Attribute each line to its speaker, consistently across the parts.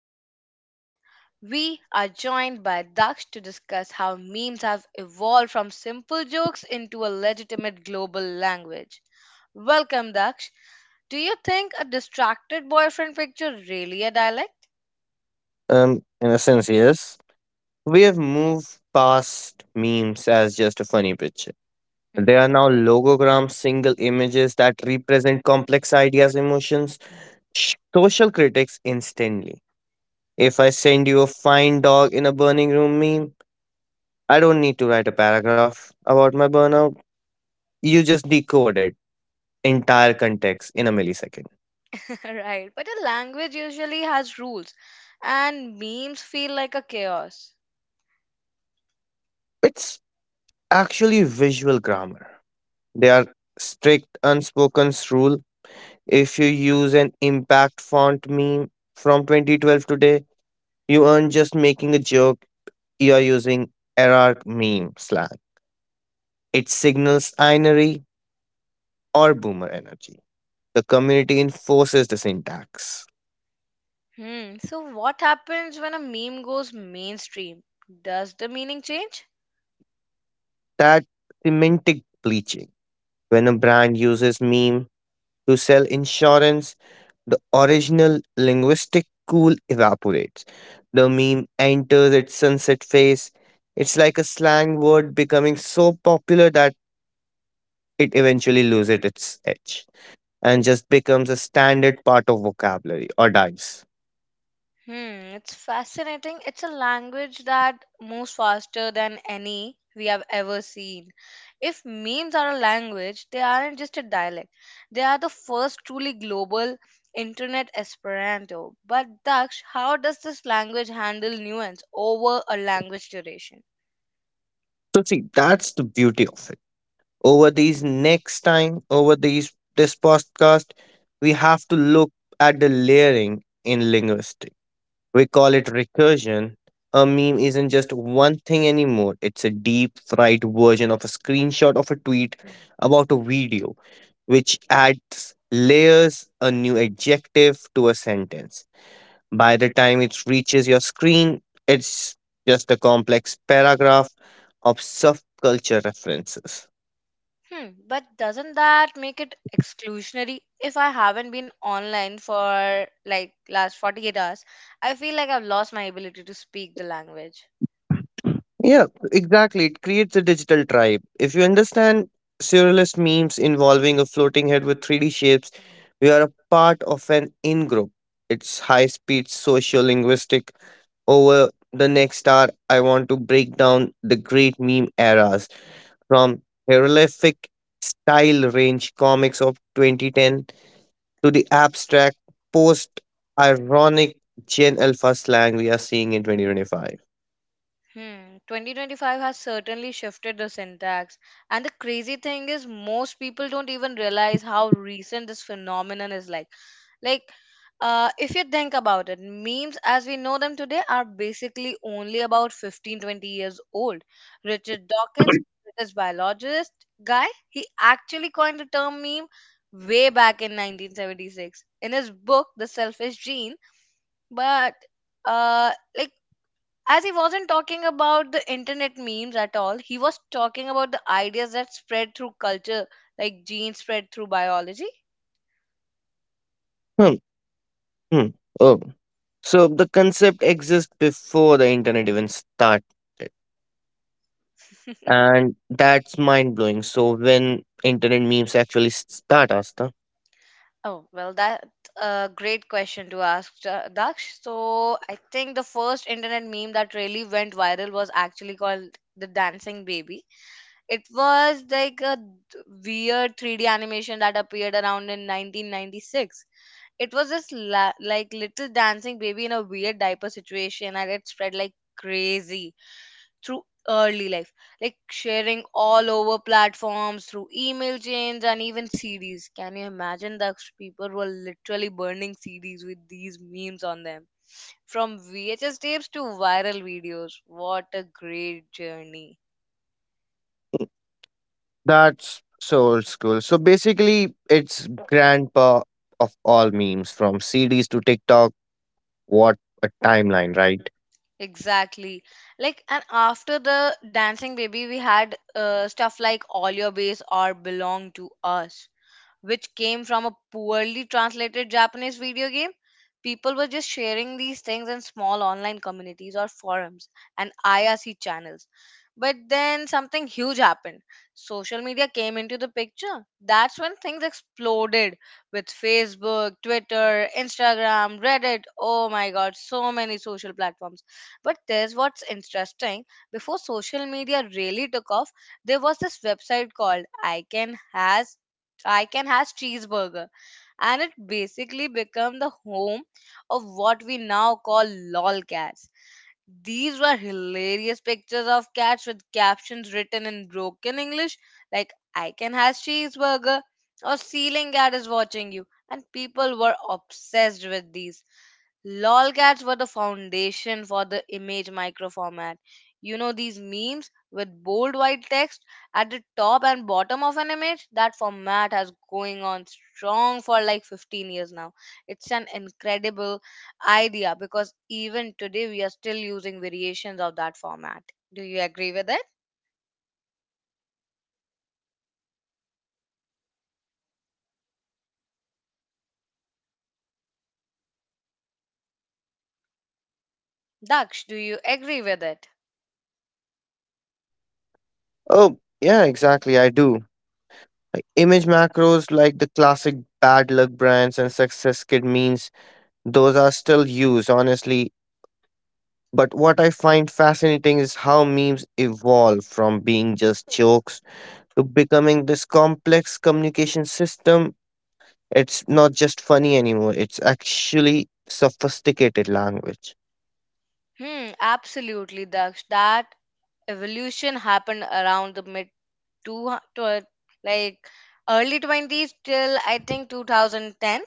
Speaker 1: my podcast today. We are joined by Daksh to discuss how memes have evolved from simple jokes into a legitimate global language. Welcome, Daksh. Do you think a distracted boyfriend picture really a dialect?
Speaker 2: In a sense, yes. We have moved past memes as just a funny picture.
Speaker 1: Mhm.
Speaker 2: They are now logograms, single images that represent complex ideas, emotions, social critics instantly. If I send you a fine dog in a burning room meme, I don't need to write a paragraph about my burnout. You just decode it entire context in a millisecond.
Speaker 1: Right, but a language usually has rules, and memes feel like a chaos.
Speaker 2: It's actually visual grammar. They are strict unspoken rule. If you use an impact font meme from 2012 today, you aren't just making a joke, you are using error meme slang. It signals inery or boomer energy. The community enforces the syntax.
Speaker 1: So what happens when a meme goes mainstream? Does the meaning change?
Speaker 2: That semantic bleaching. When a brand uses meme to sell insurance, the original linguistic cool evaporates. The meme enters its sunset phase. It's like a slang word becoming so popular that it eventually loses its edge and just becomes a standard part of vocabulary or dies.
Speaker 1: Hmm, it's fascinating. It's a language that moves faster than any we have ever seen. If memes are a language, they aren't just a dialect. They are the first truly global internet Esperanto. But Daksh, how does this language handle nuance over a language duration?
Speaker 2: So see, that's the beauty of it. Over these next time, over these this podcast, we have to look at the layering in linguistics. We call it recursion. A meme isn't just one thing anymore, it's a deep fried version of a screenshot of a tweet about a video, which adds layers, a new adjective to a sentence. By the time it reaches your screen, it's just a complex paragraph of subculture references.
Speaker 1: But doesn't that make it exclusionary? If I haven't been online for like last 48 hours, I feel like I've lost my ability to speak the language.
Speaker 2: Yeah, exactly. It creates a digital tribe. If you understand surrealist memes involving a floating head with 3D shapes, we are a part of an in group. It's high speed socio linguistic. Over the next hour, I want to break down the great meme eras from hieroglyphic style range comics of 2010 to the abstract post ironic Gen Alpha slang we are seeing in 2025.
Speaker 1: 2025 has certainly shifted the syntax. And the crazy thing is, most people don't even realize how recent this phenomenon is Like, if you think about it, memes as we know them today are basically only about 15 20 years old. Richard Dawkins, British biologist guy, he actually coined the term meme way back in 1976 in his book, The Selfish Gene. But uh, like, as he wasn't talking about the internet memes at all, he was talking about the ideas that spread through culture like genes spread through biology.
Speaker 2: Hmm. Hmm. Oh. So the concept exists before the internet even started, and that's mind blowing. So when internet memes actually start, Asta,
Speaker 1: Oh well, that's a great question to ask Daksh. So I think the first internet meme that really went viral was actually called the dancing baby. It was like a weird 3D animation that appeared around in 1996. It was this like little dancing baby in a weird diaper situation, and it spread like crazy through early life, like sharing all over platforms through email chains and even CDs. Can you imagine that? People were literally burning CDs with these memes on them. From VHS tapes to viral videos, what a great journey.
Speaker 2: that's so old school. So basically, it's grandpa of all memes, from CDs to TikTok. What a timeline, right?
Speaker 1: Exactly. And after the dancing baby we had stuff like all your base or belong to us, which came from a poorly translated Japanese video game. People were just sharing these things in small online communities or forums and IRC channels. But then something huge happened. Social media came into the picture. That's when things exploded with Facebook, Twitter, Instagram, Reddit. Oh my god, so many social platforms. But there's what's interesting. Before social media really took off, there was this website called I Can Has. I can has cheeseburger, and it basically became the home of what we now call lolcats. These were hilarious pictures of cats with captions written in broken English like I can has cheeseburger or ceiling cat is watching you, and people were obsessed with these. Lolcats were the foundation for the image micro format. You know these memes with bold white text at the top and bottom of an image? That format has going on strong for like 15 years now. It's an incredible idea because even today we are still using variations of that format. Do you agree with it? Daksh, do you agree with it?
Speaker 2: Oh yeah, exactly. I do. Image macros like the classic bad luck brands and success kid memes. Those are still used. Honestly, but what I find fascinating is how memes evolve from being just jokes to becoming this complex communication system. It's not just funny anymore, it's actually sophisticated language.
Speaker 1: Hmm, absolutely, Daksh. That evolution happened around the mid two, hundred, like early 20s till I think 2010.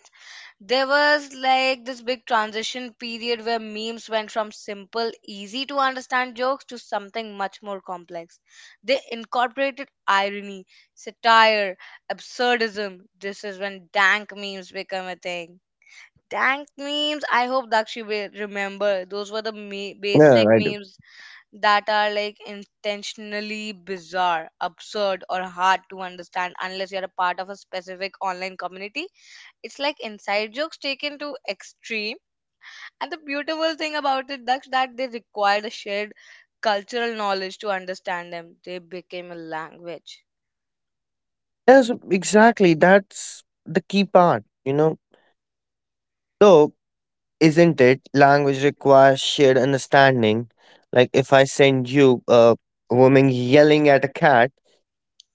Speaker 1: There was like this big transition period where memes went from simple, easy to understand jokes to something much more complex. They incorporated irony, satire, absurdism. This is when dank memes become a thing. Dank memes, I hope Dakshi will remember. Those were the
Speaker 2: Yeah,
Speaker 1: basic
Speaker 2: I do.
Speaker 1: memes that are like intentionally bizarre, absurd, or hard to understand unless you're a part of a specific online community. It's like inside jokes taken to extreme. And the beautiful thing about it that's that they required a shared cultural knowledge to understand them. They became a language.
Speaker 2: Yes, exactly. That's the key part. So isn't it? Language requires shared understanding. Like, if I send you a woman yelling at a cat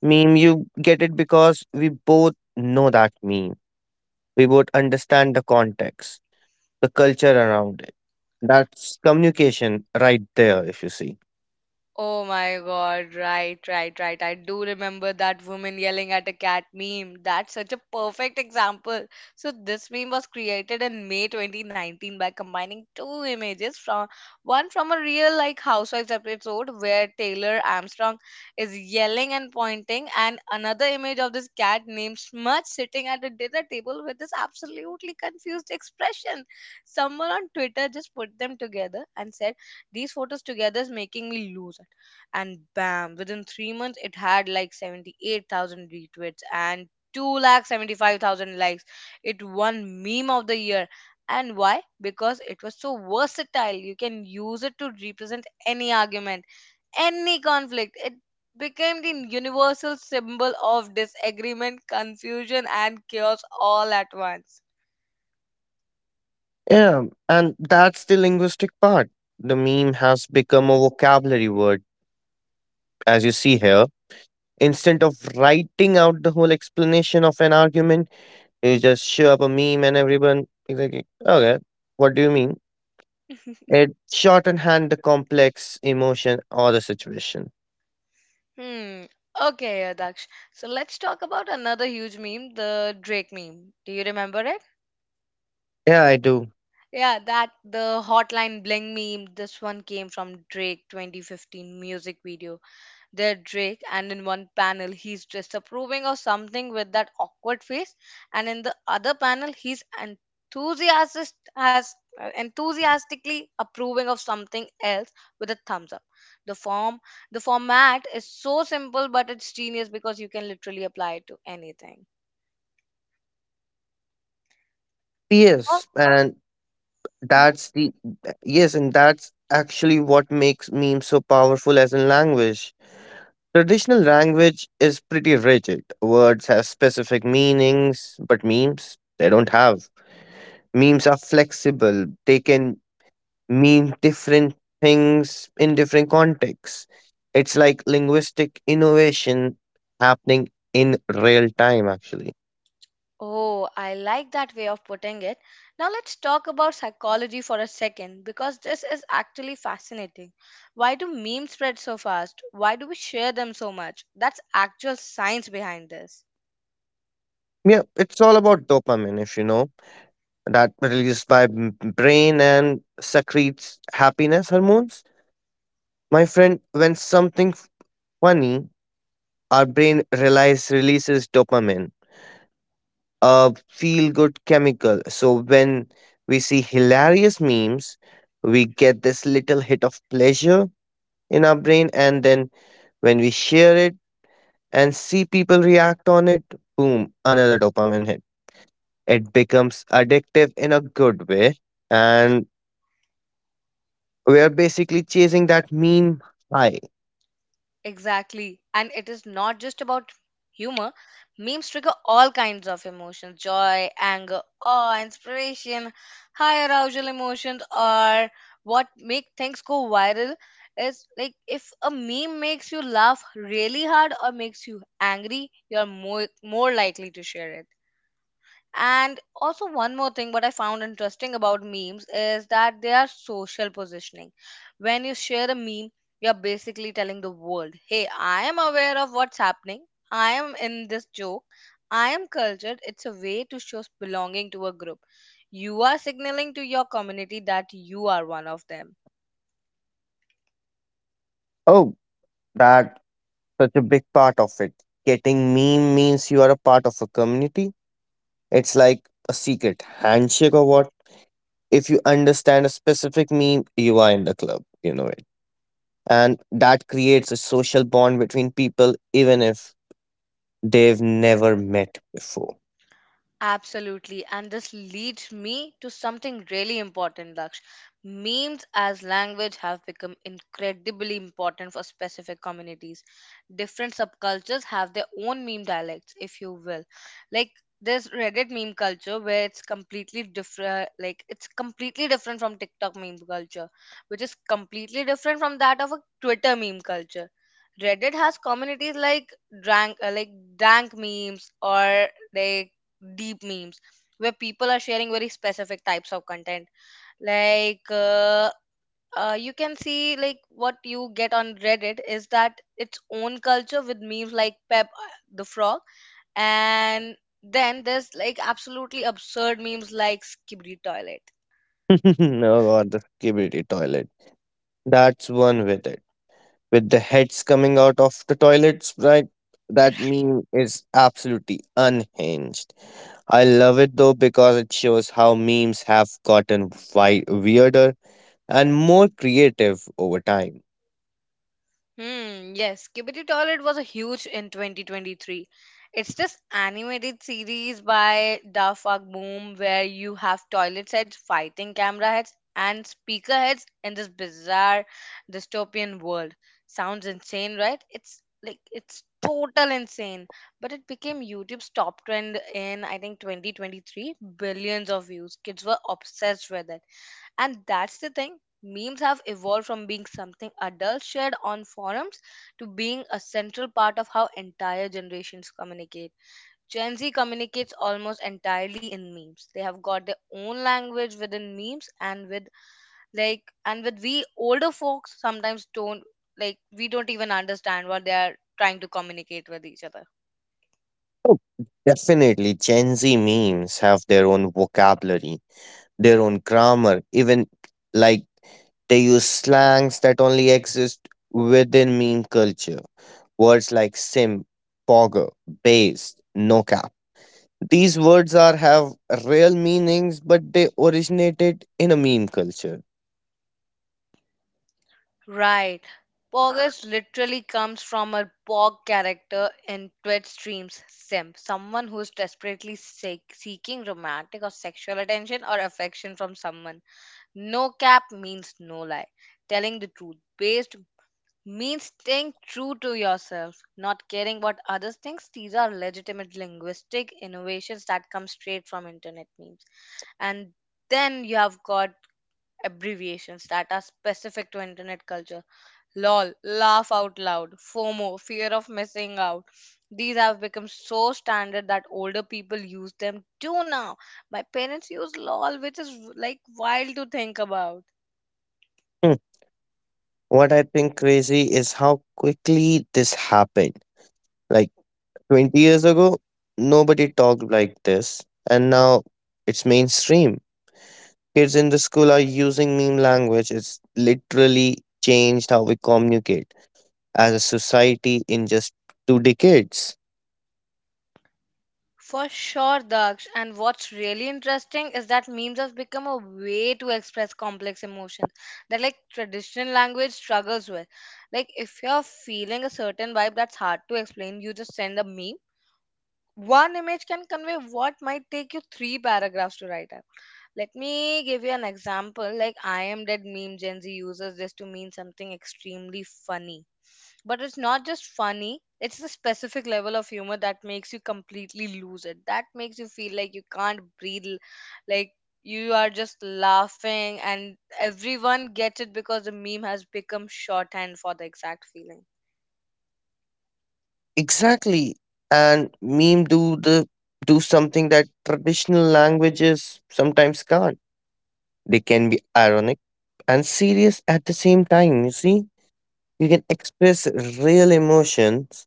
Speaker 2: meme, you get it because we both know that meme. We would understand the context, the culture around it. That's communication right there, if you see.
Speaker 1: Oh my god, right, right, right. I do remember that woman yelling at a cat meme. That's such a perfect example. So, this meme was created in May 2019 by combining two images from, one from a real like Housewives episode where Taylor Armstrong is yelling and pointing, and another image of this cat named Smudge sitting at a dinner table with this absolutely confused expression. Someone on Twitter just put them together and said, these photos together is making me lose. And bam, within 3 months it had like 78,000 retweets and two lakh seventy-five thousand likes. It won meme of the year. And why? Because it was so versatile. You can use it to represent any argument, any conflict. It became the universal symbol of disagreement, confusion and chaos all at once.
Speaker 2: Yeah, and that's the linguistic part. The meme has become a vocabulary word, as you see here. Instead of writing out the whole explanation of an argument, you just show up a meme and everyone is like, okay, what do you mean? It shorthand the complex emotion or the situation.
Speaker 1: Hmm, okay, Daksh. So let's talk about another huge meme, the Drake meme. Do you remember it?
Speaker 2: Yeah, I do.
Speaker 1: Yeah, that the Hotline Bling meme. This one came from Drake 2015 music video. There, Drake, and in one panel, he's disapproving of something with that awkward face, and in the other panel, he's enthusiastic as uh, enthusiastically approving of something else with a thumbs up. The form, the format is so simple, but it's genius because you can literally apply it to anything. Oh.
Speaker 2: P.S. And
Speaker 1: Mm-hmm.
Speaker 2: That's the Yes, and that's actually what makes memes so powerful as a language. Traditional language is pretty rigid. Words have specific meanings, but memes, they don't have. Memes are flexible, they can mean different things in different contexts. It's like linguistic innovation happening in real time, actually.
Speaker 1: Oh, I like that way of putting it. Now let's talk about psychology for a second because this is actually fascinating. Why do memes spread so fast? Why do we share them so much? That's actual science behind this.
Speaker 2: Yeah, it's all about dopamine, if you know. That released by brain and secretes happiness hormones. My friend, when something funny, our brain relies releases dopamine, a feel-good chemical. So when we see hilarious memes, we get this little hit of pleasure in our brain, and then when we share it and see people react on it, boom, another dopamine hit. It becomes addictive in a good way, and we are basically chasing that meme high.
Speaker 1: Exactly. And it is not just about humor. Memes trigger all kinds of emotions, joy, anger, awe, inspiration, high arousal emotions, or what make things go viral is like if a meme makes you laugh really hard or makes you angry, you're more likely to share it. And also, one more thing, what I found interesting about memes is that they are social positioning. When you share a meme, you're basically telling the world, hey, I am aware of what's happening, I am in this joke, I am cultured. It's a way to show belonging to a group. You are signaling to your community that you are one of them.
Speaker 2: Oh, that such a big part of it. Getting meme means you are a part of a community. It's like a secret handshake or what. If you understand a specific meme, you are in the club. You know it. And that creates a social bond between people, even if they've never met before.
Speaker 1: Absolutely. And this leads me to something really important, Laksh. Memes as language have become incredibly important for specific communities. Different subcultures have their own meme dialects, if you will. Like there's Reddit meme culture where it's completely different, like it's completely different from TikTok meme culture, which is completely different from that of a Twitter meme culture. Reddit has communities like drank, uh, like dank memes or like deep memes where people are sharing very specific types of content, like you can see like what you get on reddit is that its own culture with memes like pep the frog, and then there's like absolutely absurd memes like skibidi toilet.
Speaker 2: Oh god, the skibidi toilet. That's one with it, with the heads coming out of the toilets, right? That meme is absolutely unhinged. I love it though because it shows how memes have gotten weirder and more creative over time.
Speaker 1: Hmm, yes, Kibiti Toilet was a huge in 2023. It's this animated series by Dafag Boom where you have toilet sets fighting camera heads and speaker heads in this bizarre dystopian world. Sounds insane, right? It's like it's total insane. But it became YouTube's top trend in I think 2023. Billions of views. Kids were obsessed with it, and that's the thing. Memes have evolved from being something adults shared on forums to being a central part of how entire generations communicate. Gen Z communicates almost entirely in memes. They have got their own language within memes, and with like, and with we older folks sometimes don't, like we don't even understand what they are trying to communicate with each other.
Speaker 2: Oh, definitely, Gen Z memes have their own vocabulary, their own grammar, even like they use slangs that only exist within meme culture. Words like sim, pogger, base, no cap. These words are have real meanings, but they originated in a meme culture.
Speaker 1: Right. Pogus literally comes from a Pog character in Twitch streams. Simp, someone who is desperately seeking romantic or sexual attention or affection from someone. No cap means no lie. Telling the truth. Based means staying true to yourself, not caring what others think. These are legitimate linguistic innovations that come straight from internet memes. And then you have got abbreviations that are specific to internet culture. LOL, laugh out loud, FOMO, fear of missing out. These have become so standard that older people use them too now. My parents use LOL, which is like wild to think about.
Speaker 2: Hmm. What I think crazy is how quickly this happened. Like 20 years ago, nobody talked like this, and now it's mainstream. Kids in the school are using meme language. It's literally changed how we communicate as a society in just 2 decades.
Speaker 1: For sure, Daksh. And what's really interesting is that memes have become a way to express complex emotions that, like, traditional language struggles with. Like, if you're feeling a certain vibe that's hard to explain, you just send a meme. One image can convey what might take you three paragraphs to write up. Let me give you an example. Like I am dead meme, Gen Z uses this to mean something extremely funny. But it's not just funny, it's the specific level of humor that makes you completely lose it. That makes you feel like you can't breathe, like you are just laughing and everyone gets it because the meme has become shorthand for the exact feeling.
Speaker 2: Exactly. And meme do something that traditional languages sometimes can't. They can be ironic and serious at the same time, you see? You can express real emotions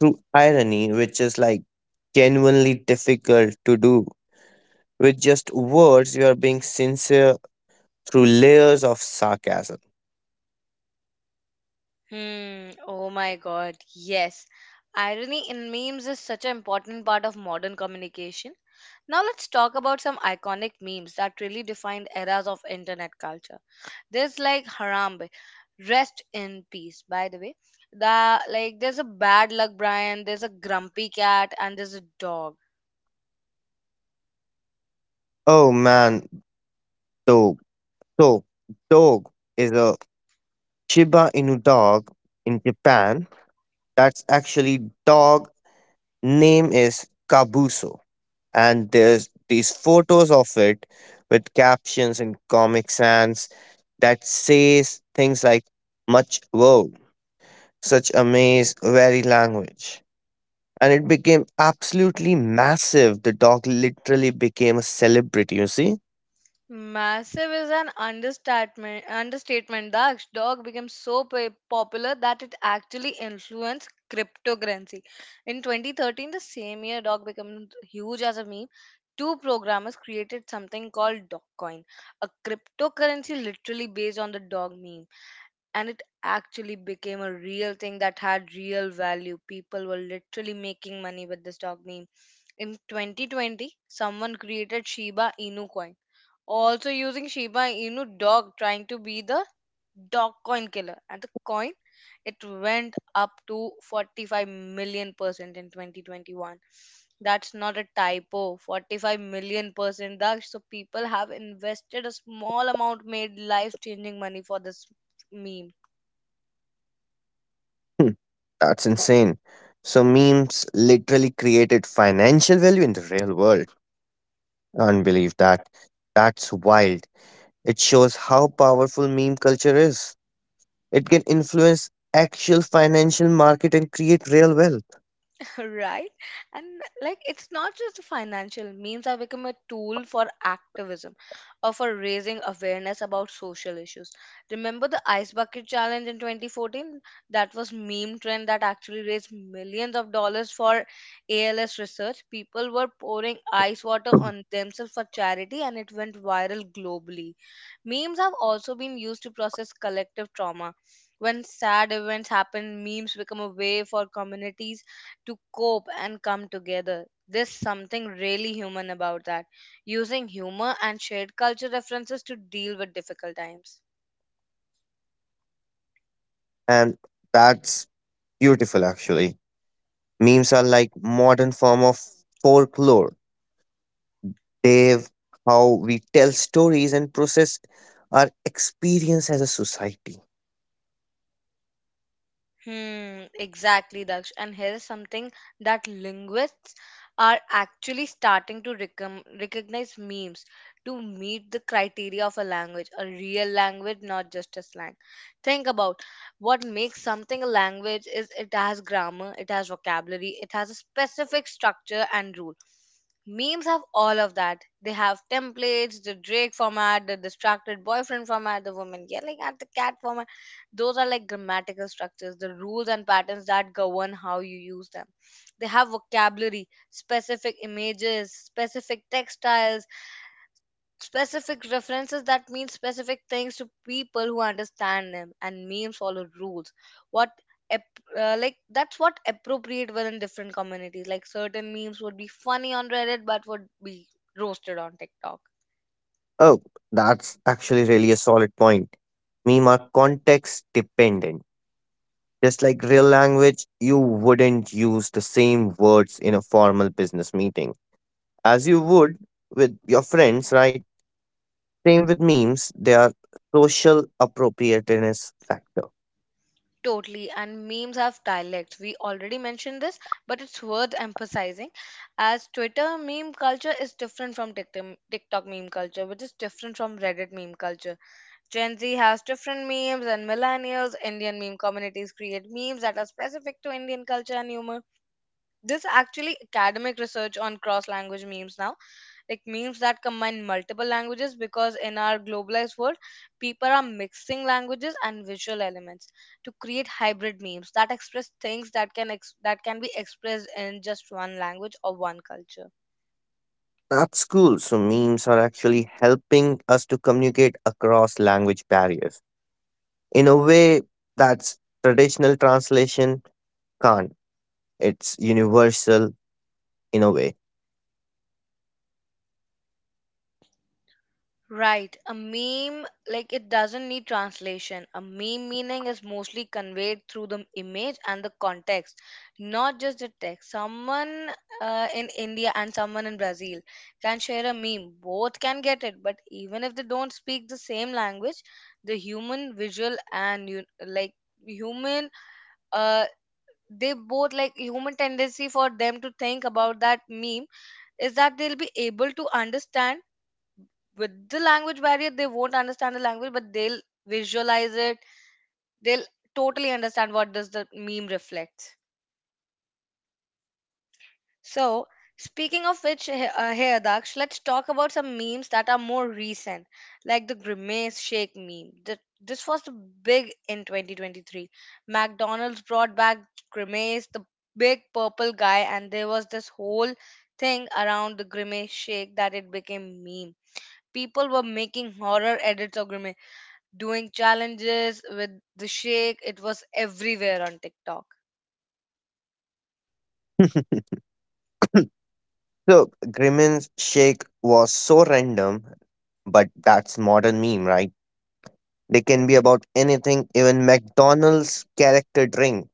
Speaker 2: through irony, which is like genuinely difficult to do. With just words, you are being sincere through layers of sarcasm.
Speaker 1: Hmm. Oh my God. Yes. Irony in memes is such an important part of modern communication. Now let's talk about some iconic memes that really defined eras of internet culture. There's like Harambe, rest in peace, by the way. The Like there's a bad luck Brian, there's a grumpy cat, and there's a dog.
Speaker 2: Oh man, dog. So, dog is a Shiba Inu dog in Japan. That's actually dog. Name is Kabuso. And there's these photos of it with captions in Comic Sans that says things like much wow, such amaze, very language. And it became absolutely massive. The dog literally became a celebrity, you see?
Speaker 1: Massive is an understatement. Understatement. The Daksh. Dog became so popular that it actually influenced cryptocurrency. In 2013, the same year, dog became huge as a meme. Two programmers created something called Dogcoin, a cryptocurrency literally based on the dog meme, and it actually became a real thing that had real value. People were literally making money with this dog meme. In 2020, someone created Shiba Inu coin, also using Shiba Inu dog, trying to be the dog coin killer. And the coin, it went up to 45 million% in 2021. That's not a typo, 45 million%. That, so people have invested a small amount, made life changing money for this meme.
Speaker 2: Hmm, that's insane. So memes literally created financial value in the real world. Unbelieve that. That's wild. It shows how powerful meme culture is. It can influence actual financial market and create real wealth.
Speaker 1: Right? And like, it's not just financial, means have become a tool for activism or for raising awareness about social issues. Remember the ice bucket challenge in 2014? That was meme trend that actually raised millions of dollars for ALS research. People were pouring ice water on themselves for charity and it went viral globally. Memes have also been used to process collective trauma. When sad events happen, memes become a way for communities to cope and come together. There's something really human about that, using humor and shared culture references to deal with difficult times.
Speaker 2: And that's beautiful actually. Memes are like modern form of folklore. They've how we tell stories and process our experience as a society.
Speaker 1: Hmm, exactly, Daksh. And here's something that linguists are actually starting to recognize memes to meet the criteria of a language, a real language, not just a slang. Think about what makes something a language. Is it has grammar, it has vocabulary, it has a specific structure and rule. Memes have all of that. They have templates, the Drake format, the distracted boyfriend format, the woman yelling at the cat format. Those are like grammatical structures, the rules and patterns that govern how you use them. They have vocabulary, specific images, specific textiles, specific references that mean specific things to people who understand them, and memes follow rules. What ap- like that's what appropriate were in different communities. Like certain memes would be funny on Reddit, but would be roasted on TikTok.
Speaker 2: Oh, that's actually really a solid point. Meme are context dependent. Just like real language, you wouldn't use the same words in a formal business meeting, as you would with your friends, right? Same with memes, they are social appropriateness factor.
Speaker 1: Totally, and memes have dialects. We already mentioned this, but it's worth emphasizing as Twitter meme culture is different from TikTok meme culture, which is different from Reddit meme culture. Gen Z has different memes, and millennials, Indian meme communities create memes that are specific to Indian culture and humor. There's actually academic research on cross language memes now, like memes that combine multiple languages because in our globalized world, people are mixing languages and visual elements to create hybrid memes that express things that that can be expressed in just one language or one culture.
Speaker 2: That's cool. So memes are actually helping us to communicate across language barriers in a way that's traditional translation can't. It's universal in a way.
Speaker 1: Right. A meme, like, it doesn't need translation. A meme meaning is mostly conveyed through the image and the context, not just the text. Someone in India and someone in Brazil can share a meme. Both can get it, but even if they don't speak the same language, the human visual and you like human uh they both like human tendency for them to think about that meme is that they'll be able to understand. With the language barrier they won't understand the language, but they'll visualize it, they'll totally understand what does the meme reflect. So, speaking of which, here Daksh, let's talk about some memes that are more recent, like the grimace shake meme. This was the big in 2023. McDonald's brought back Grimace, the big purple guy, and there was this whole thing around the grimace shake, that it became meme. People were making horror edits of Grimace, doing challenges with the shake. It was everywhere on TikTok.
Speaker 2: So Grimmin's shake was so random, but that's modern meme, right? They can be about anything, even McDonald's character drink.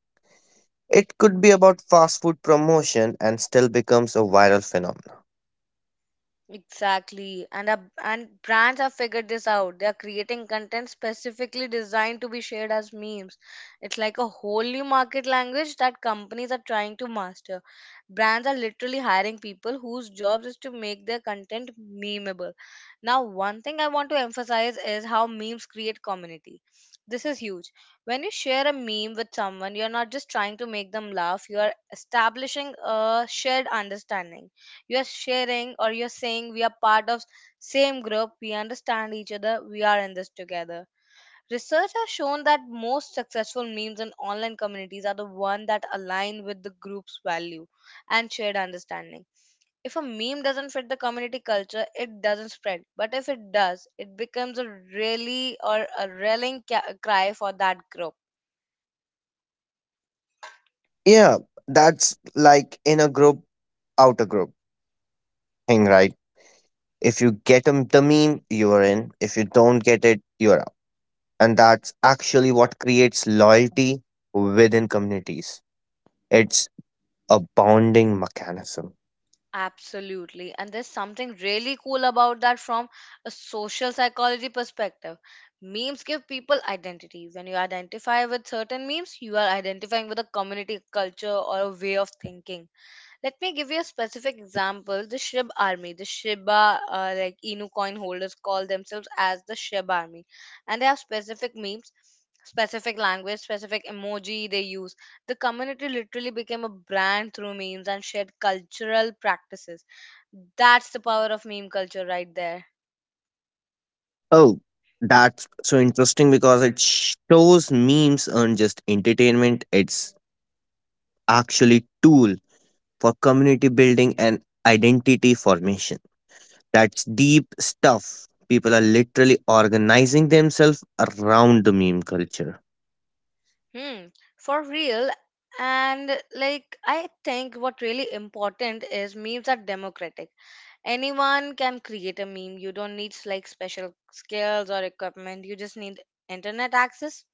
Speaker 2: It could be about fast food promotion and still becomes a viral phenomenon.
Speaker 1: Exactly. And brands have figured this out. They are creating content specifically designed to be shared as memes. It's like a whole new market language that companies are trying to master. Brands are literally hiring people whose jobs is to make their content memeable. Now, one thing I want to emphasize is how memes create community. This is huge. When you share a meme with someone, you're not just trying to make them laugh, you are establishing a shared understanding. You're sharing, or you're saying, we are part of same group, we understand each other, we are in this together. Research has shown that most successful memes in online communities are the one that align with the group's value and shared understanding. If a meme doesn't fit the community culture it doesn't spread, but if it does it becomes a really or a rallying cry for that group.
Speaker 2: Yeah, that's like in a group, outer group thing, right? If you get 'em the meme, you are in. If you don't get it, you are out. And that's actually what creates loyalty within communities. It's a bonding mechanism.
Speaker 1: Absolutely. And there's something really cool about that from a social psychology perspective. Memes give people identity. When you identify with certain memes, you are identifying with a community, culture, or a way of thinking. Let me give you a specific example. The Shib army, the Shiba, like Inu coin holders call themselves as the Shib army, and they have specific memes, specific language, specific emoji they use. The community literally became a brand through memes and shared cultural practices. That's the power of meme culture right there.
Speaker 2: Oh, that's so interesting because it shows memes aren't just entertainment, it's actually tool for community building and identity formation. That's deep stuff. People are literally organizing themselves around the meme culture.
Speaker 1: Hmm, for real. And like, I think what really important is memes are democratic. Anyone can create a meme, you don't need like special skills or equipment, you just need internet access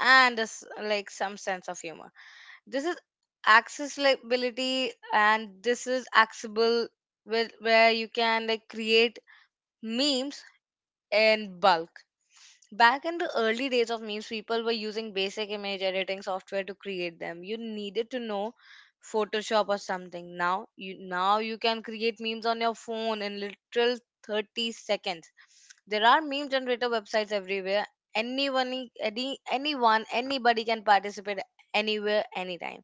Speaker 1: and this, like, some sense of humor. This is accessibility and this is accessible, where you can like create memes in bulk. Back in the early days of memes, people were using basic image editing software to create them. You needed to know Photoshop or something. Now you can create memes on your phone in literal 30 seconds. There are meme generator websites everywhere. Anyone, anybody can participate, anywhere, anytime.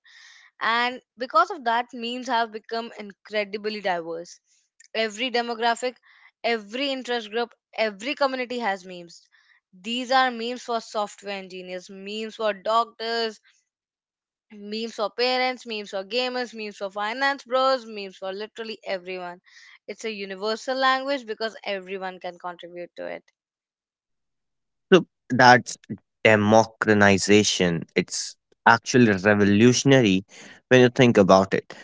Speaker 1: And because of that, memes have become incredibly diverse. Every demographic, every interest group, every community has memes. These are memes for software engineers, memes for doctors, memes for parents, memes for gamers, memes for finance bros, memes for literally everyone. It's a universal language because everyone can contribute to it.
Speaker 2: So that's democratization. It's actually revolutionary when you think about it.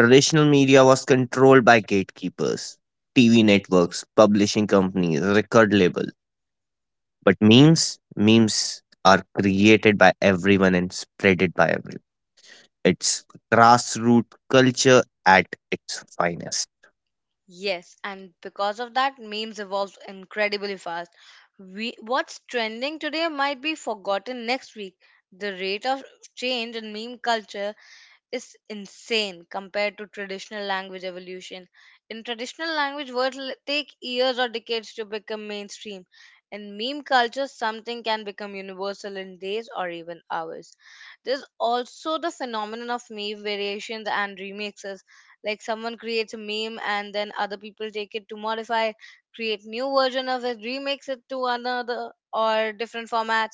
Speaker 2: Traditional media was controlled by gatekeepers, TV networks, publishing companies, record labels. But memes are created by everyone and spreaded by everyone. It's grassroots culture at its finest.
Speaker 1: Yes, and because of that, memes evolve incredibly fast. What's trending today might be forgotten next week. The rate of change in meme culture is insane compared to traditional language evolution. In traditional language, words take years or decades to become mainstream. In meme culture, something can become universal in days or even hours. There's also the phenomenon of meme variations and remixes. Like someone creates a meme and then other people take it to modify, create new version of it, remix it to another or different formats.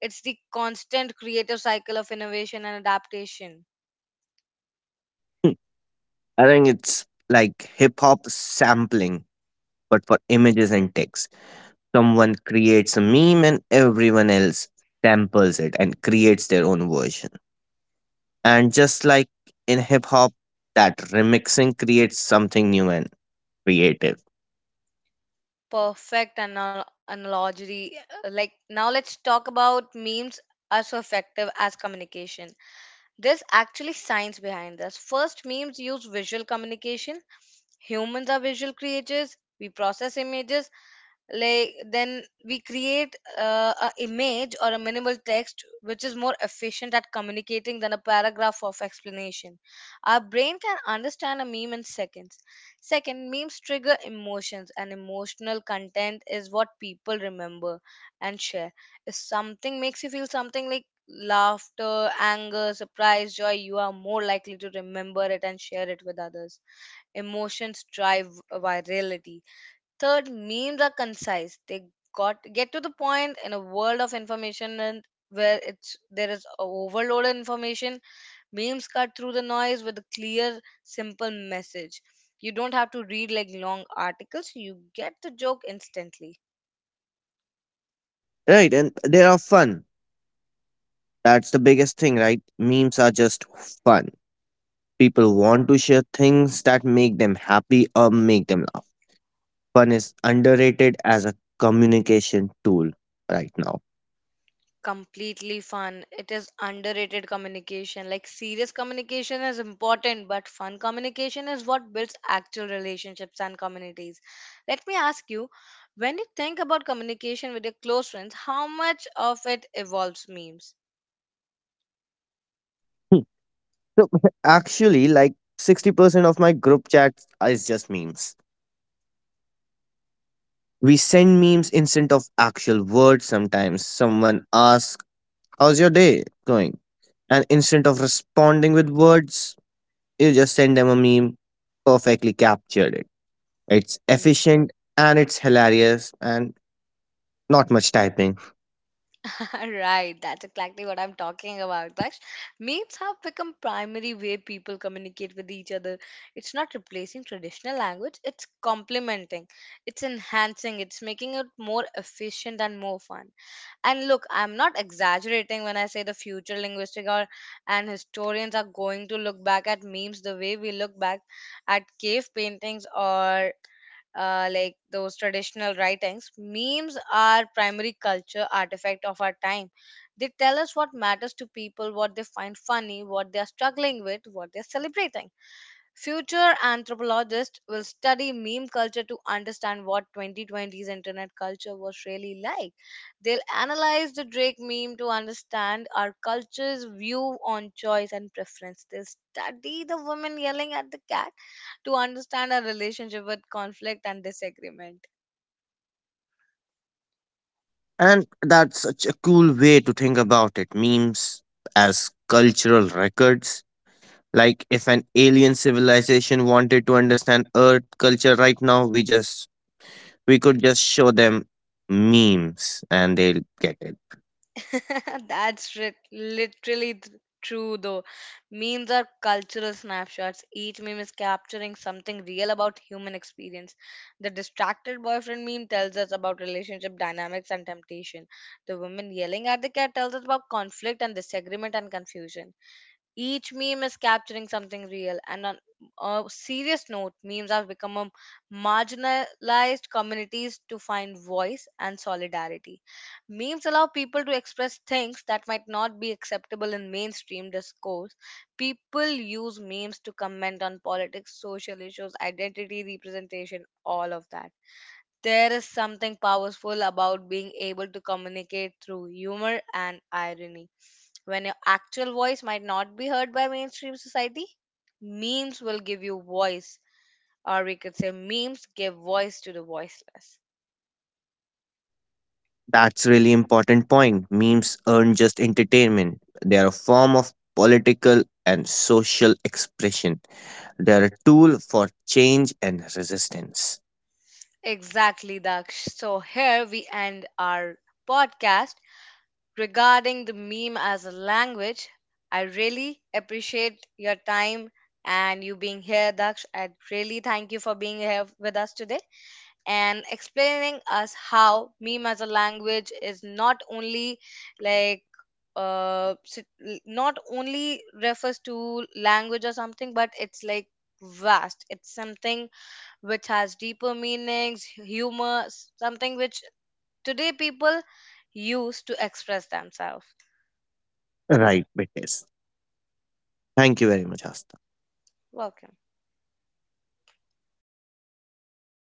Speaker 1: It's the constant creative cycle of innovation and adaptation.
Speaker 2: Hmm, I think it's like hip hop sampling, but for images and text. Someone creates a meme and everyone else samples it and creates their own version. And just like in hip hop, that remixing creates something new and creative.
Speaker 1: Perfect analogy. Like now, let's talk about memes are so effective as communication. There's actually science behind this. First, memes use visual communication. Humans are visual creatures. We process images like then we create a image or a minimal text which is more efficient at communicating than a paragraph of explanation. Our brain can understand a meme in seconds. Second, memes trigger emotions and emotional content is what people remember and share. If something makes you feel something like laughter, anger, surprise, joy, you are more likely to remember it and share it with others. Emotions drive virality. Third, memes are concise. They got get to the point in a world of information and where it's there is a overload of information. Memes cut through the noise with a clear, simple message. You don't have to read like long articles. You get the joke instantly.
Speaker 2: Right, and they are fun. That's the biggest thing, right? Memes are just fun. People want to share things that make them happy or make them laugh. Fun is underrated as a communication tool right now.
Speaker 1: Completely fun. It is underrated communication. Like serious communication is important but fun communication is what builds actual relationships and communities. Let me ask you, when you think about communication with your close friends, how much of it involves memes?
Speaker 2: Hmm. So actually, like 60% of my group chats is just memes. We send memes instead of actual words sometimes. Someone asks, "How's your day going?" And instead of responding with words, you just send them a meme, perfectly captured it. It's efficient and it's hilarious and not much typing.
Speaker 1: Right, that's exactly what I'm talking about, Daksh. Memes have become primary way people communicate with each other. It's not replacing traditional language, it's complementing, it's enhancing, it's making it more efficient and more fun. And look, I'm not exaggerating when I say the future linguistic or and historians are going to look back at memes the way we look back at cave paintings or like those traditional writings. Memes are primary culture artifact of our time. They tell us what matters to people, what they find funny, what they are struggling with, what they're celebrating. Future anthropologists will study meme culture to understand what 2020's internet culture was really like. They'll analyze the Drake meme to understand our culture's view on choice and preference. They'll study the women yelling at the cat to understand our relationship with conflict and disagreement.
Speaker 2: And that's such a cool way to think about it. Memes as cultural records. Like if an alien civilization wanted to understand Earth culture right now, we could just show them memes and they'll get it.
Speaker 1: That's literally true, though. Memes are cultural snapshots. Each meme is capturing something real about human experience. The distracted boyfriend meme tells us about relationship dynamics and temptation. The woman yelling at the cat tells us about conflict and disagreement and confusion. Each meme is capturing something real. And on a serious note, memes have become a marginalized communities to find voice and solidarity. Memes allow people to express things that might not be acceptable in mainstream discourse. People use memes to comment on politics, social issues, identity, representation, all of that. There is something powerful about being able to communicate through humor and irony. When your actual voice might not be heard by mainstream society, memes will give you voice, or we could say, memes give voice to the voiceless.
Speaker 2: That's really important point. Memes aren't just entertainment. They are a form of political and social expression. They are a tool for change and resistance.
Speaker 1: Exactly, Daksh. So, here we end our podcast regarding the meme as a language. I really appreciate your time and you being here, Daksh. I really thank you for being here with us today. And explaining us how meme as a language is not only like not only refers to language or something but it's like vast, it's something which has deeper meanings, humor, something which today people use to express themselves.
Speaker 2: Right, it is. Thank you very much, Asta.
Speaker 1: Welcome.